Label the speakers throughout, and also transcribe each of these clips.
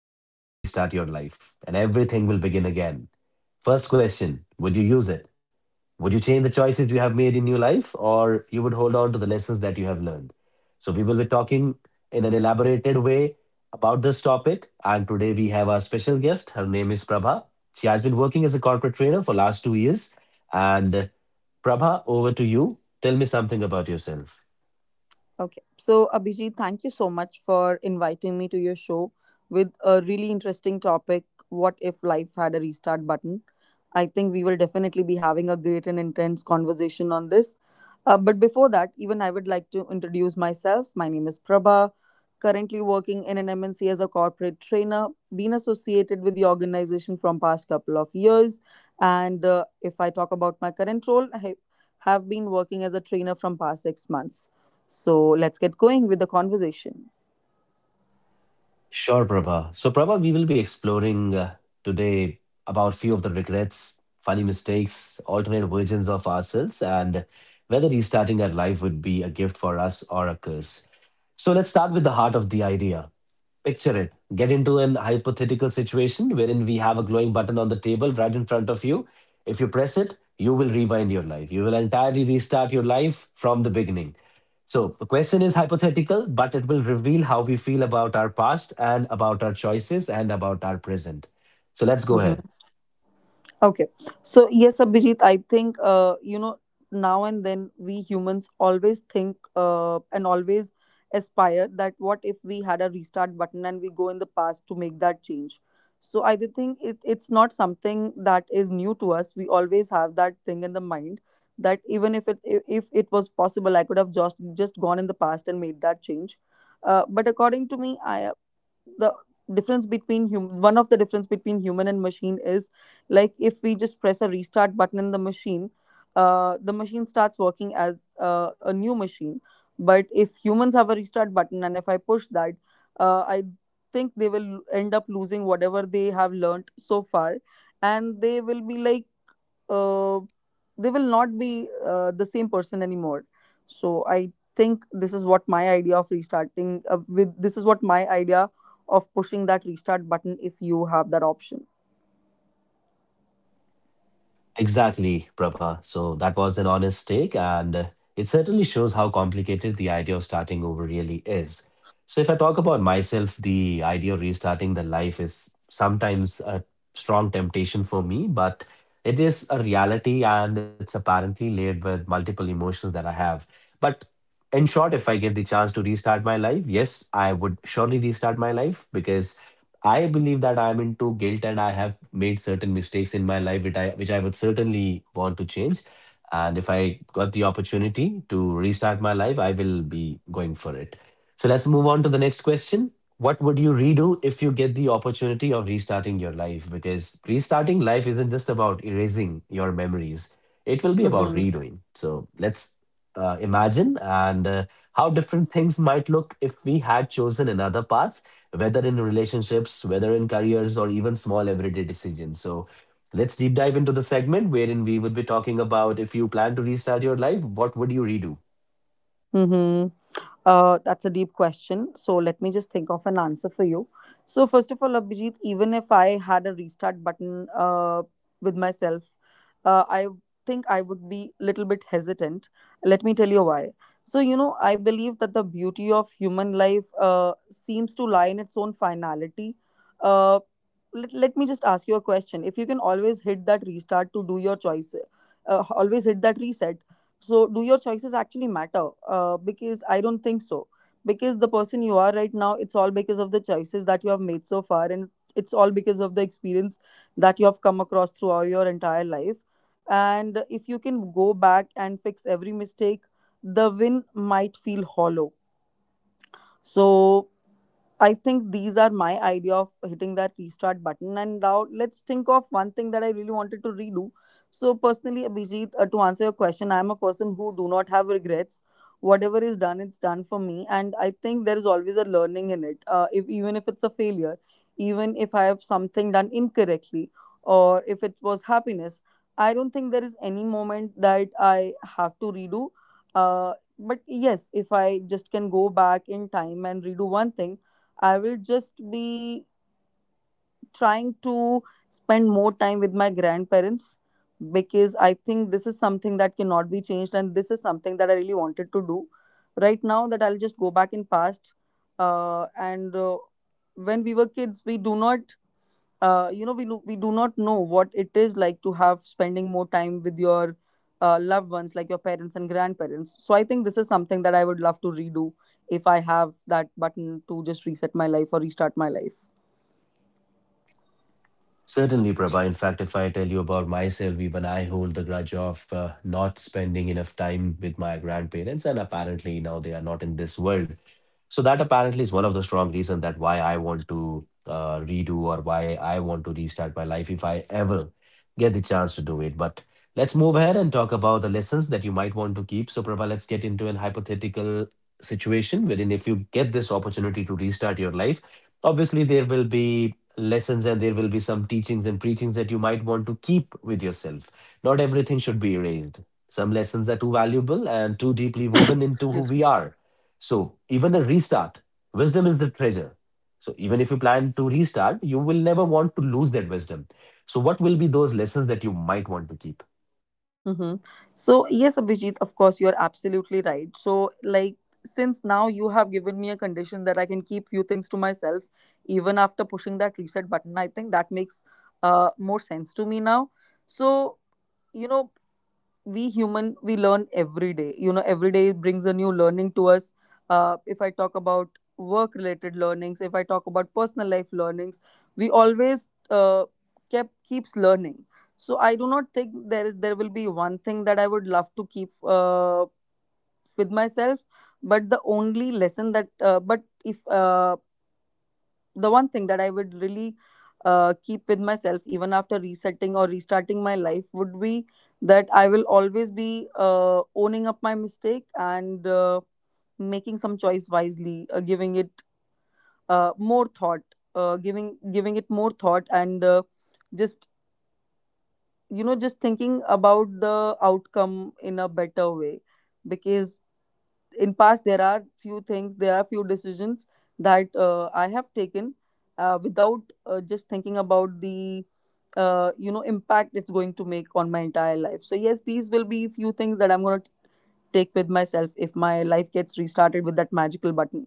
Speaker 1: If you can press it, you can restart your life and everything will begin again. First question, would you use it? Would you change the choices you have made in your life or you would hold on to the lessons that you have learned? So, we will be talking in an elaborated way about this topic. And today we have our special guest. Her name is Prabha. She has been working as a corporate trainer for last 2 years. And Prabha, over to you. Tell me something about yourself.
Speaker 2: Okay. So, Abhijit, thank you so much for inviting me to your show with a really interesting topic. What if life had a restart button? I think we will definitely be having a great and intense conversation on this. But before that, even I would like to introduce myself. My name is Prabha, currently working in an MNC as a corporate trainer, been associated with the organization from past couple of years. And if I talk about my current role, I have been working as a trainer from past 6 months. So let's get going with the conversation.
Speaker 1: Sure, Prabha. So, Prabha, we will be exploring today about few of the regrets, funny mistakes, alternate versions of ourselves, and whether restarting our life would be a gift for us or a curse. So let's start with the heart of the idea. Picture it. Get into an hypothetical situation wherein we have a glowing button on the table right in front of you. If you press it, you will rewind your life. You will entirely restart your life from the beginning. So the question is hypothetical, but it will reveal how we feel about our past and about our choices and about our present. So
Speaker 2: Mm-hmm.
Speaker 1: let's go ahead.
Speaker 2: Okay. So, yes, Abhijit, I think, you know, now and then we humans always think and always aspire that what if we had a restart button and we go in the past to make that change. So, I do think it's not something that is new to us. We always have that thing in the mind that even if it was possible, I could have just gone in the past and made that change. But according to me, I the difference between one of the difference between human and machine is like if we just press a restart button in the machine starts working as a new machine but if humans have a restart button and if I push that I think they will end up losing whatever they have learned so far and they will be like uh, they will not be the same person anymore. So I think this is what my idea of restarting with this is what my idea of pushing that restart button if you have that option.
Speaker 1: Exactly, Prabha. So that was an honest take, and it certainly shows how complicated the idea of starting over really is. So, if I talk about myself, the idea of restarting the life is sometimes a strong temptation for me, but it is a reality and it's apparently layered with multiple emotions that I have. But in short, if I get the chance to restart my life, yes, I would surely restart my life because I believe that I'm into guilt and I have made certain mistakes in my life which I would certainly want to change. And if I got the opportunity to restart my life, I will be going for it. So let's move on to the next question. What would you redo if you get the opportunity of restarting your life? Because restarting life isn't just about erasing your memories. It will be
Speaker 2: Mm-hmm.
Speaker 1: about redoing. So let's imagine and how different things might look if we had chosen another path, whether in relationships, whether in careers, or even small everyday decisions. So let's deep dive into the segment wherein we would be talking about if you plan to restart your life, what would you redo?
Speaker 2: Mm-hmm. That's a deep question. So let me just think of an answer for you. So first of all, Abhijit, even if I had a restart button with myself, I think I would be little bit hesitant. Let me tell you why. So you know, I believe that the beauty of human life seems to lie in its own finality. Uh, let me just ask you a question. If you can always hit that restart to do your choice, always hit that reset, so, do your choices actually matter? Because I don't think so. Because the person you are right now, it's all because of the choices that you have made so far, and it's all because of the experience that you have come across throughout your entire life. And if you can go back and fix every mistake, the win might feel hollow. So, I think these are my idea of hitting that restart button. And now let's think of one thing that I really wanted to redo. So personally, Abhijit, to answer your question, I'm a person who do not have regrets. Whatever is done, it's done for me, and I think there is always a learning in it. If even if it's a failure, even if I have something done incorrectly, or if it was happiness, I don't think there is any moment that I have to redo. But yes, if I just can go back in time and redo one thing, I will just be trying to spend more time with my grandparents, because I think this is something that cannot be changed and this is something that I really wanted to do right now, that I'll just go back in past and when we were kids we do not you know we do not know what it is like to have spending more time with your loved ones like your parents and grandparents. So I think this is something that I would love to redo if I have that button to just reset my life or restart my life.
Speaker 1: Certainly, Prabha. In fact, if I tell you about myself, even I hold the grudge of not spending enough time with my grandparents, and apparently now they are not in this world. So that apparently is one of the strong reason that why I want to redo or why I want to restart my life if I ever get the chance to do it. But let's move ahead and talk about the lessons that you might want to keep. So, Prabha, let's get into an hypothetical situation wherein if you get this opportunity to restart your life, obviously there will be lessons and there will be some teachings and preachings that you might want to keep with yourself. Not everything should be erased. Some lessons are too valuable and too deeply woven
Speaker 2: Excuse
Speaker 1: into who we are. So, even a restart, wisdom is the treasure. So, even if you plan to restart, you will never want to lose that wisdom. So, what will be those lessons that you might want to keep?
Speaker 2: me. Mm-hmm. So, yes, Abhijit, of course, you're absolutely right. So, like, since now you have given me a condition that I can keep few things to myself, even after pushing that reset button, I think that makes more sense to me now. So, you know, we learn every day, you know, every day brings a new learning to us. If I talk about work related learnings, if I talk about personal life learnings, we always kept keeps learning. So I do not think there will be one thing that I would love to keep with myself, but the only lesson that but if the one thing that I would really keep with myself, even after resetting or restarting my life, would be that I will always be owning up my mistake and making some choice wisely, giving it more thought, giving it more thought, and just you know just thinking about the outcome in a better way, because in past there are few things, there are few decisions that I have taken without just thinking about the you know impact it's going to make on my entire life. So yes, these will be few things that I'm going to take with myself if my life gets restarted with that magical button.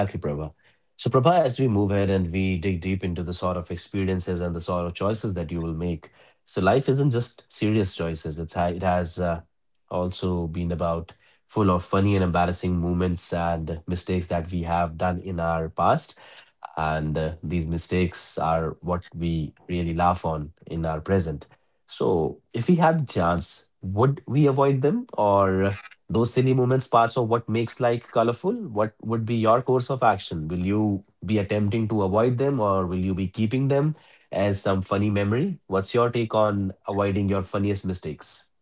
Speaker 1: Exactly, Prabha. So, Prabha, as we move ahead and we dig deep into the sort of experiences and the sort of choices that you will make, so life isn't just serious choices. It's it has also been about full of funny and embarrassing moments and mistakes that we have done in our past, and these mistakes are what we really laugh on in our present. So, if we had the chance, would we avoid them or those silly moments parts of what makes life colorful? What would be your course of action? Will you be attempting to avoid them or will you be keeping them as some funny memory? What's your take on avoiding your funniest mistakes?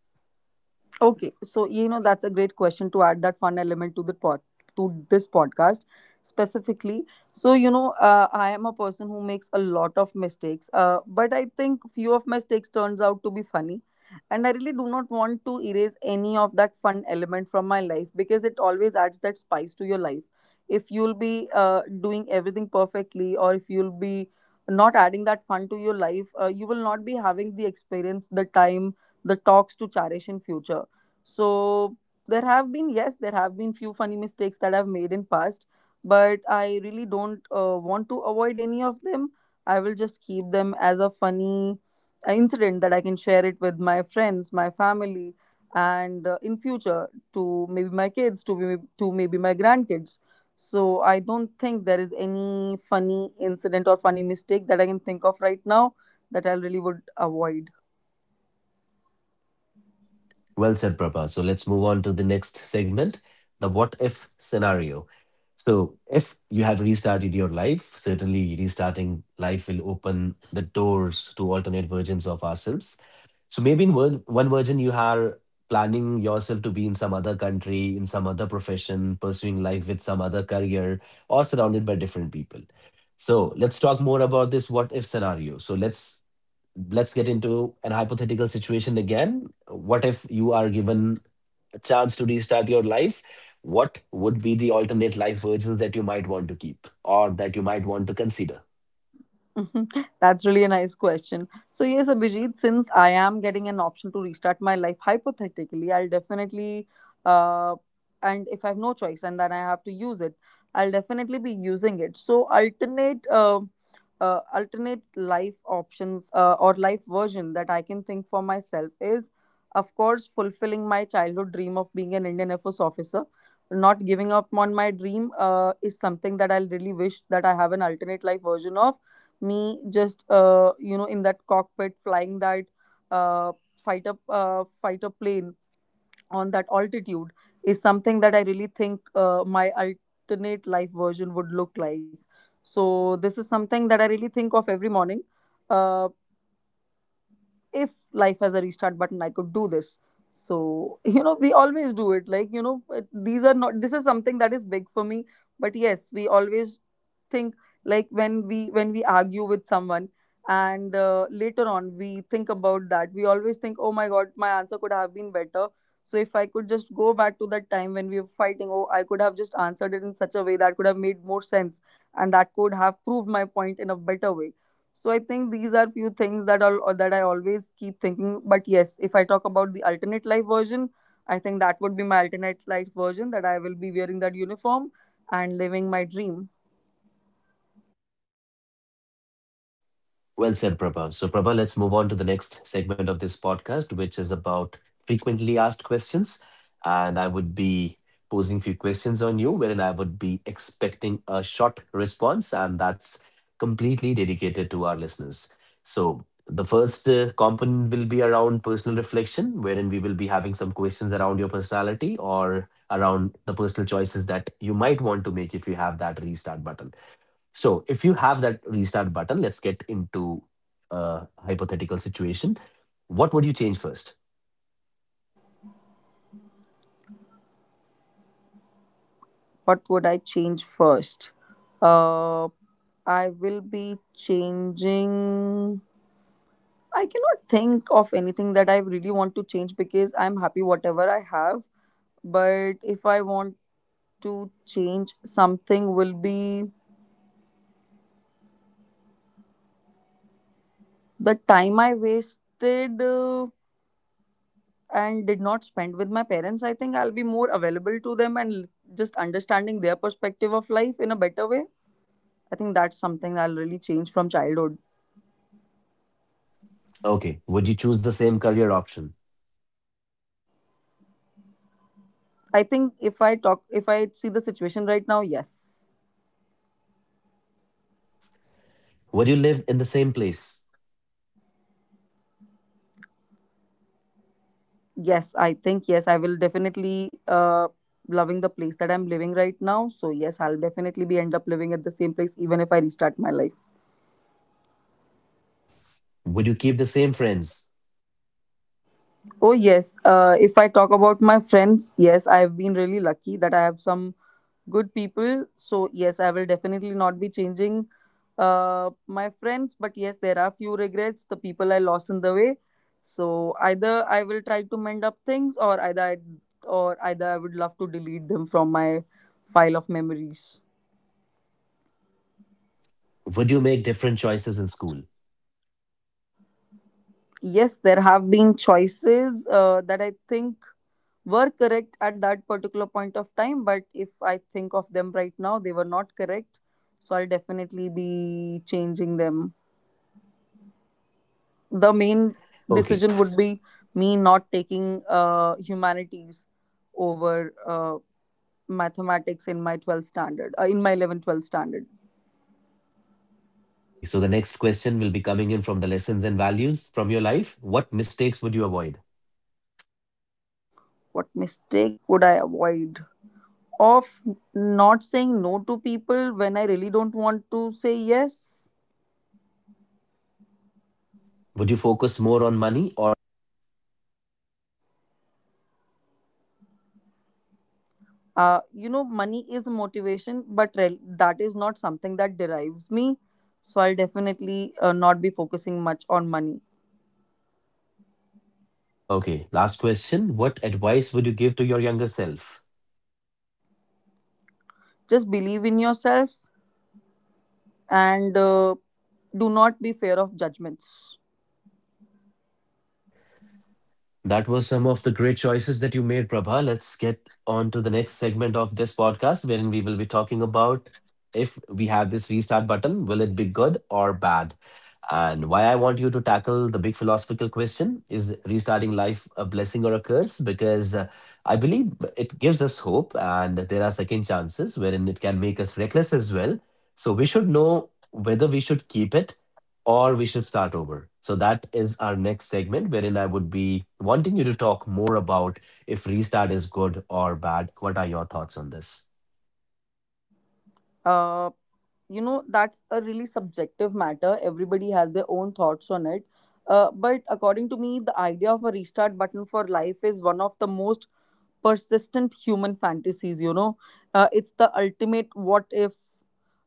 Speaker 2: Okay, so you know, that's a great question to add that fun element to the pod to this podcast specifically. So you know, I am a person who makes a lot of mistakes, but I think few of my mistakes turns out to be funny, and I really do not want to erase any of that fun element from my life because it always adds that spice to your life. If you'll be doing everything perfectly, or if you'll be not adding that fun to your life, you will not be having the experience, the time, the talks to cherish in future. So there have been, yes, there have been few funny mistakes that I've made in past, but I really don't want to avoid any of them. I will just keep them as a funny incident that I can share it with my friends, my family, and in future to maybe my kids, to maybe my grandkids. So I don't think there is any funny incident or funny mistake that I can think of right now that I really would avoid.
Speaker 1: Well said, Prabha. So let's move on to the next segment, the what if scenario. So, if you have restarted your life, certainly restarting life will open the doors to alternate versions of ourselves. So maybe in one version, you are planning yourself to be in some other country, in some other profession, pursuing life with some other career, or surrounded by different people. So let's talk more about this what if scenario. So let's get into an hypothetical situation again. What if you are given a chance to restart your life? What would be the alternate life versions that you might want to keep or that you might want to consider?
Speaker 2: That's really a nice question. So yes, Abhijit, since I am getting an option to restart my life hypothetically, I'll definitely uh and if I have no choice and then I have to use it, I'll definitely be using it. So alternate life options or life version that I can think for myself is of course fulfilling my childhood dream of being an Indian Air Force officer. Not giving up on my dream is something that I'll really wish that I have an alternate life version of me just you know in that cockpit flying that uh, fighter plane on that altitude is something that I really think my alternate life version would look like. So this is something that I really think of every morning. Uh, if life has a restart button I could do this. So you know we always do it like, you know, it- these are not this is something that is big for me, but yes we always think, like, when we argue with someone and later on we think about that, we always think, oh my god, my answer could have been better. So if I could just go back to that time when we were fighting, oh I could have just answered it in such a way that could have made more sense and that could have proved my point in a better way. So I think these are few things that all or that I always keep thinking. But yes, if I talk about the alternate life version, I think that would be my alternate life version, that I will be wearing that uniform and living my dream.
Speaker 1: Well said, Prabha. So, Prabha, let's move on to the next segment of this podcast, which is about frequently asked questions. And I would be posing few questions on you, wherein I would be expecting a short response, and that's completely dedicated to our listeners. So, the first component will be around personal reflection, wherein we will be having some questions around your personality or around the personal choices that you might want to make if you have that restart button. So if you have that restart button, let's get into a hypothetical situation. What would you change first?
Speaker 2: What would I change first? Uh, I will be changing. I cannot think of anything that I really want to change because I'm happy whatever I have. But if I want to change something, will be the time I wasted, and did not spend with my parents. I think I'll be more available to them and just understanding their perspective of life in a better way. I think that's something that'll really change from childhood.
Speaker 1: Okay. Would you choose the same career option?
Speaker 2: I think if I talk, if I see the situation right now, yes.
Speaker 1: Would you live in the same place?
Speaker 2: Yes, I think, yes, I will definitely loving the place that I'm living right now. So, yes, I'll definitely be end up living at the same place even if I restart my life.
Speaker 1: Would you keep the same friends?
Speaker 2: Oh, yes. If I talk about my friends, yes, I've been really lucky that I have some good people. So yes, I will definitely not be changing my friends. But yes, there are few regrets. The people I lost in the way. So either I will try to mend up things, or either I would love to delete them from my file of memories.
Speaker 1: Would you make different choices in school?
Speaker 2: Yes, there have been choices that I think were correct at that particular point of time, but if I think of them right now they were not correct, so I'll definitely be changing them. The main
Speaker 1: Okay.
Speaker 2: decision would be me not taking humanities over mathematics in my 12th standard, in my 11th 12th standard.
Speaker 1: Okay. So the next question will be coming in from the lessons and values from your life. What mistakes would you avoid?
Speaker 2: What mistake would I avoid? Of not saying no to people when I really don't want to say yes.
Speaker 1: Would you focus more on money or health?
Speaker 2: You know, money is a motivation, but that is not something that derives me, so I'll definitely not be focusing much on money.
Speaker 1: Okay. Last question. What advice would you give to your younger self?
Speaker 2: Just believe in yourself, and do not be fair of judgments.
Speaker 1: That was some of the great choices that you made, Prabha. Let's get on to the next segment of this podcast, wherein we will be talking about if we have this restart button, will it be good or bad? And why I want you to tackle the big philosophical question is restarting life a blessing or a curse? Because I believe it gives us hope and there are second chances wherein it can make us reckless as well. So we should know whether we should keep it or we should start over. So that is our next segment wherein I would be wanting you to talk more about if restart is good or bad. What are your thoughts on this?
Speaker 2: Uh, you know, that's a really subjective matter. Everybody has their own thoughts on it. But according to me, the idea of a restart button for life is one of the most persistent human fantasies. You know, it's the ultimate what if,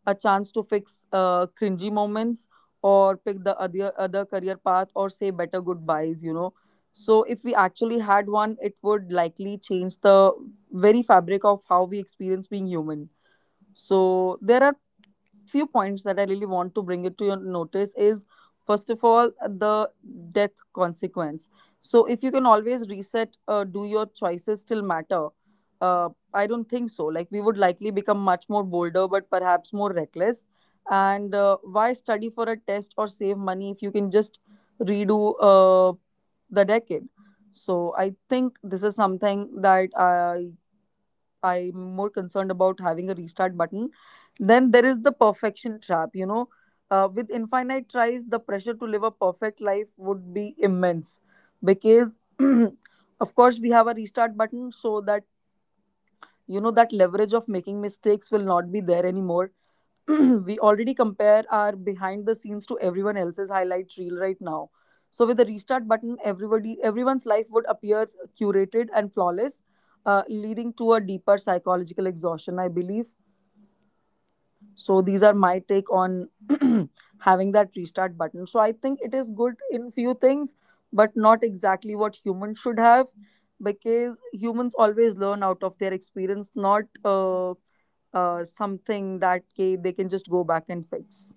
Speaker 2: a chance to fix cringy moments, or pick the other career path, or say better goodbyes. So if we actually had one, it would likely change the very fabric of how we experience being human. So there are few points that I really want to bring it to your notice, is first of all the death consequence. So if you can always reset, do your choices still matter? I don't think so. Like, we would likely become much more bolder, but perhaps more reckless. And why study for a test or save money if you can just redo the decade? So I think this is something that I'm more concerned about having a restart button. Then there is the perfection trap, you know. With infinite tries, the pressure to live a perfect life would be immense because, of course, we have a restart button so that, you know, that leverage of making mistakes will not be there anymore. We already compare our behind the scenes to everyone else's highlight reel right now. So with the restart button, everybody everyone's life would appear curated and flawless, leading to a deeper psychological exhaustion, I believe. So these are my take on having that restart button. So I think it is good in few things, but not exactly what humans should have, because humans always learn out of their experience, not something that they can just go back and fix.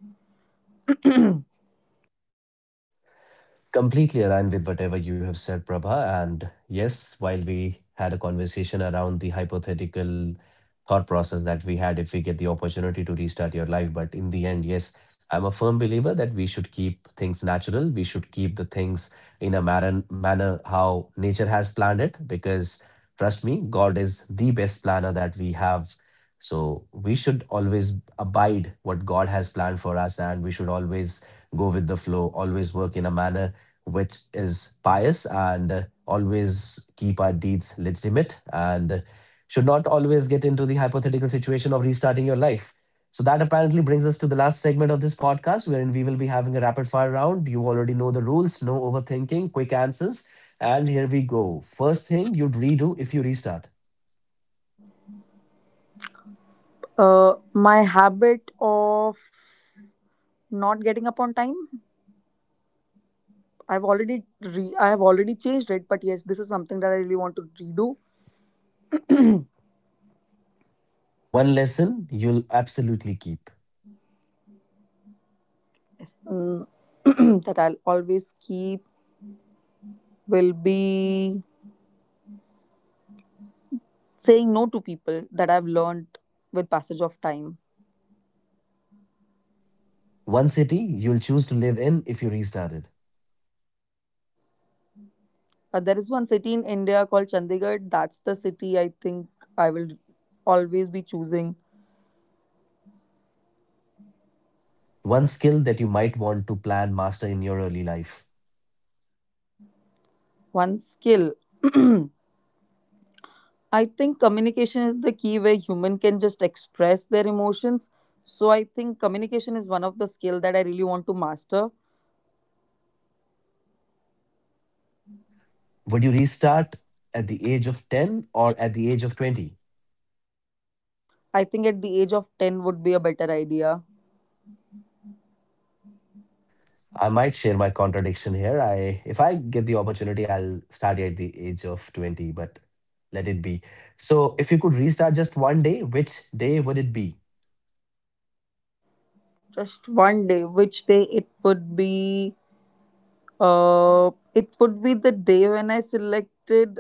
Speaker 1: Completely aligned with whatever you have said, Prabha. And yes, while we had a conversation around the hypothetical thought process that we had if we get the opportunity to restart your life, but in the end, yes, I'm a firm believer that we should keep things natural. We should keep the things in a manner how nature has planned it, because trust me, God is the best planner that we have. So we should always abide what God has planned for us, and we should always go with the flow, always work in a manner which is pious and always keep our deeds legitimate and should not always get into the hypothetical situation of restarting your life. So, that apparently brings us to the last segment of this podcast, wherein we will be having a rapid fire round. You already know the rules, no overthinking, quick answers. And here we go. First thing you'd redo if you restart.
Speaker 2: My habit of not getting up on time. I've already I have already changed it, but yes, this is something that I really want to redo.
Speaker 1: One lesson you'll absolutely keep.
Speaker 2: Yes. Mm, that I'll always keep will be saying no to people that I've learned with passage of time.
Speaker 1: One city you'll choose to live in if you restarted.
Speaker 2: There is one city in India called Chandigarh. That's the city I think I will always be choosing.
Speaker 1: One skill that you might want to plan master in your early life.
Speaker 2: One skill. I think communication is the key where human can just express their emotions. So I think communication is one of the skill that I really want to master.
Speaker 1: Would you restart at the age of 10 or at the age of 20?
Speaker 2: I think at the age of 10 would be a better idea.
Speaker 1: I might share my contradiction here. I if I get the opportunity, I'll start at the age of 20, but let it be. So if you could restart just one day, which day would it be?
Speaker 2: Just one day, which day it would be, it would be the day when I selected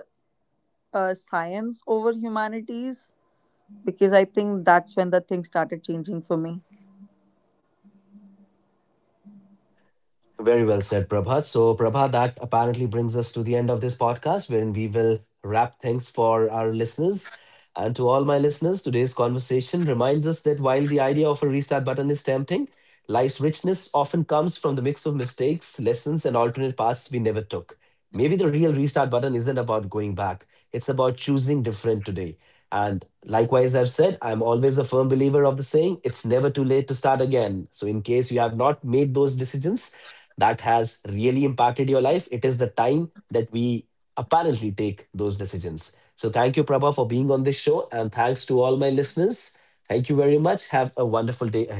Speaker 2: science over humanities, because I think that's when the thing started changing for me.
Speaker 1: Very well said, Prabha. So, Prabha, that apparently brings us to the end of this podcast, wherein we will wrap things for our listeners. And to all my listeners, today's conversation reminds us that while the idea of a restart button is tempting, life's richness often comes from the mix of mistakes, lessons, and alternate paths we never took. Maybe the real restart button isn't about going back, it's about choosing different today. And likewise, I've said, I'm always a firm believer of the saying, it's never too late to start again. So, in case you have not made those decisions, that has really impacted your life, it is the time that we apparently take those decisions. So thank you, Prabha, for being on this show. And thanks to all my listeners. Thank you very much. Have a wonderful day ahead.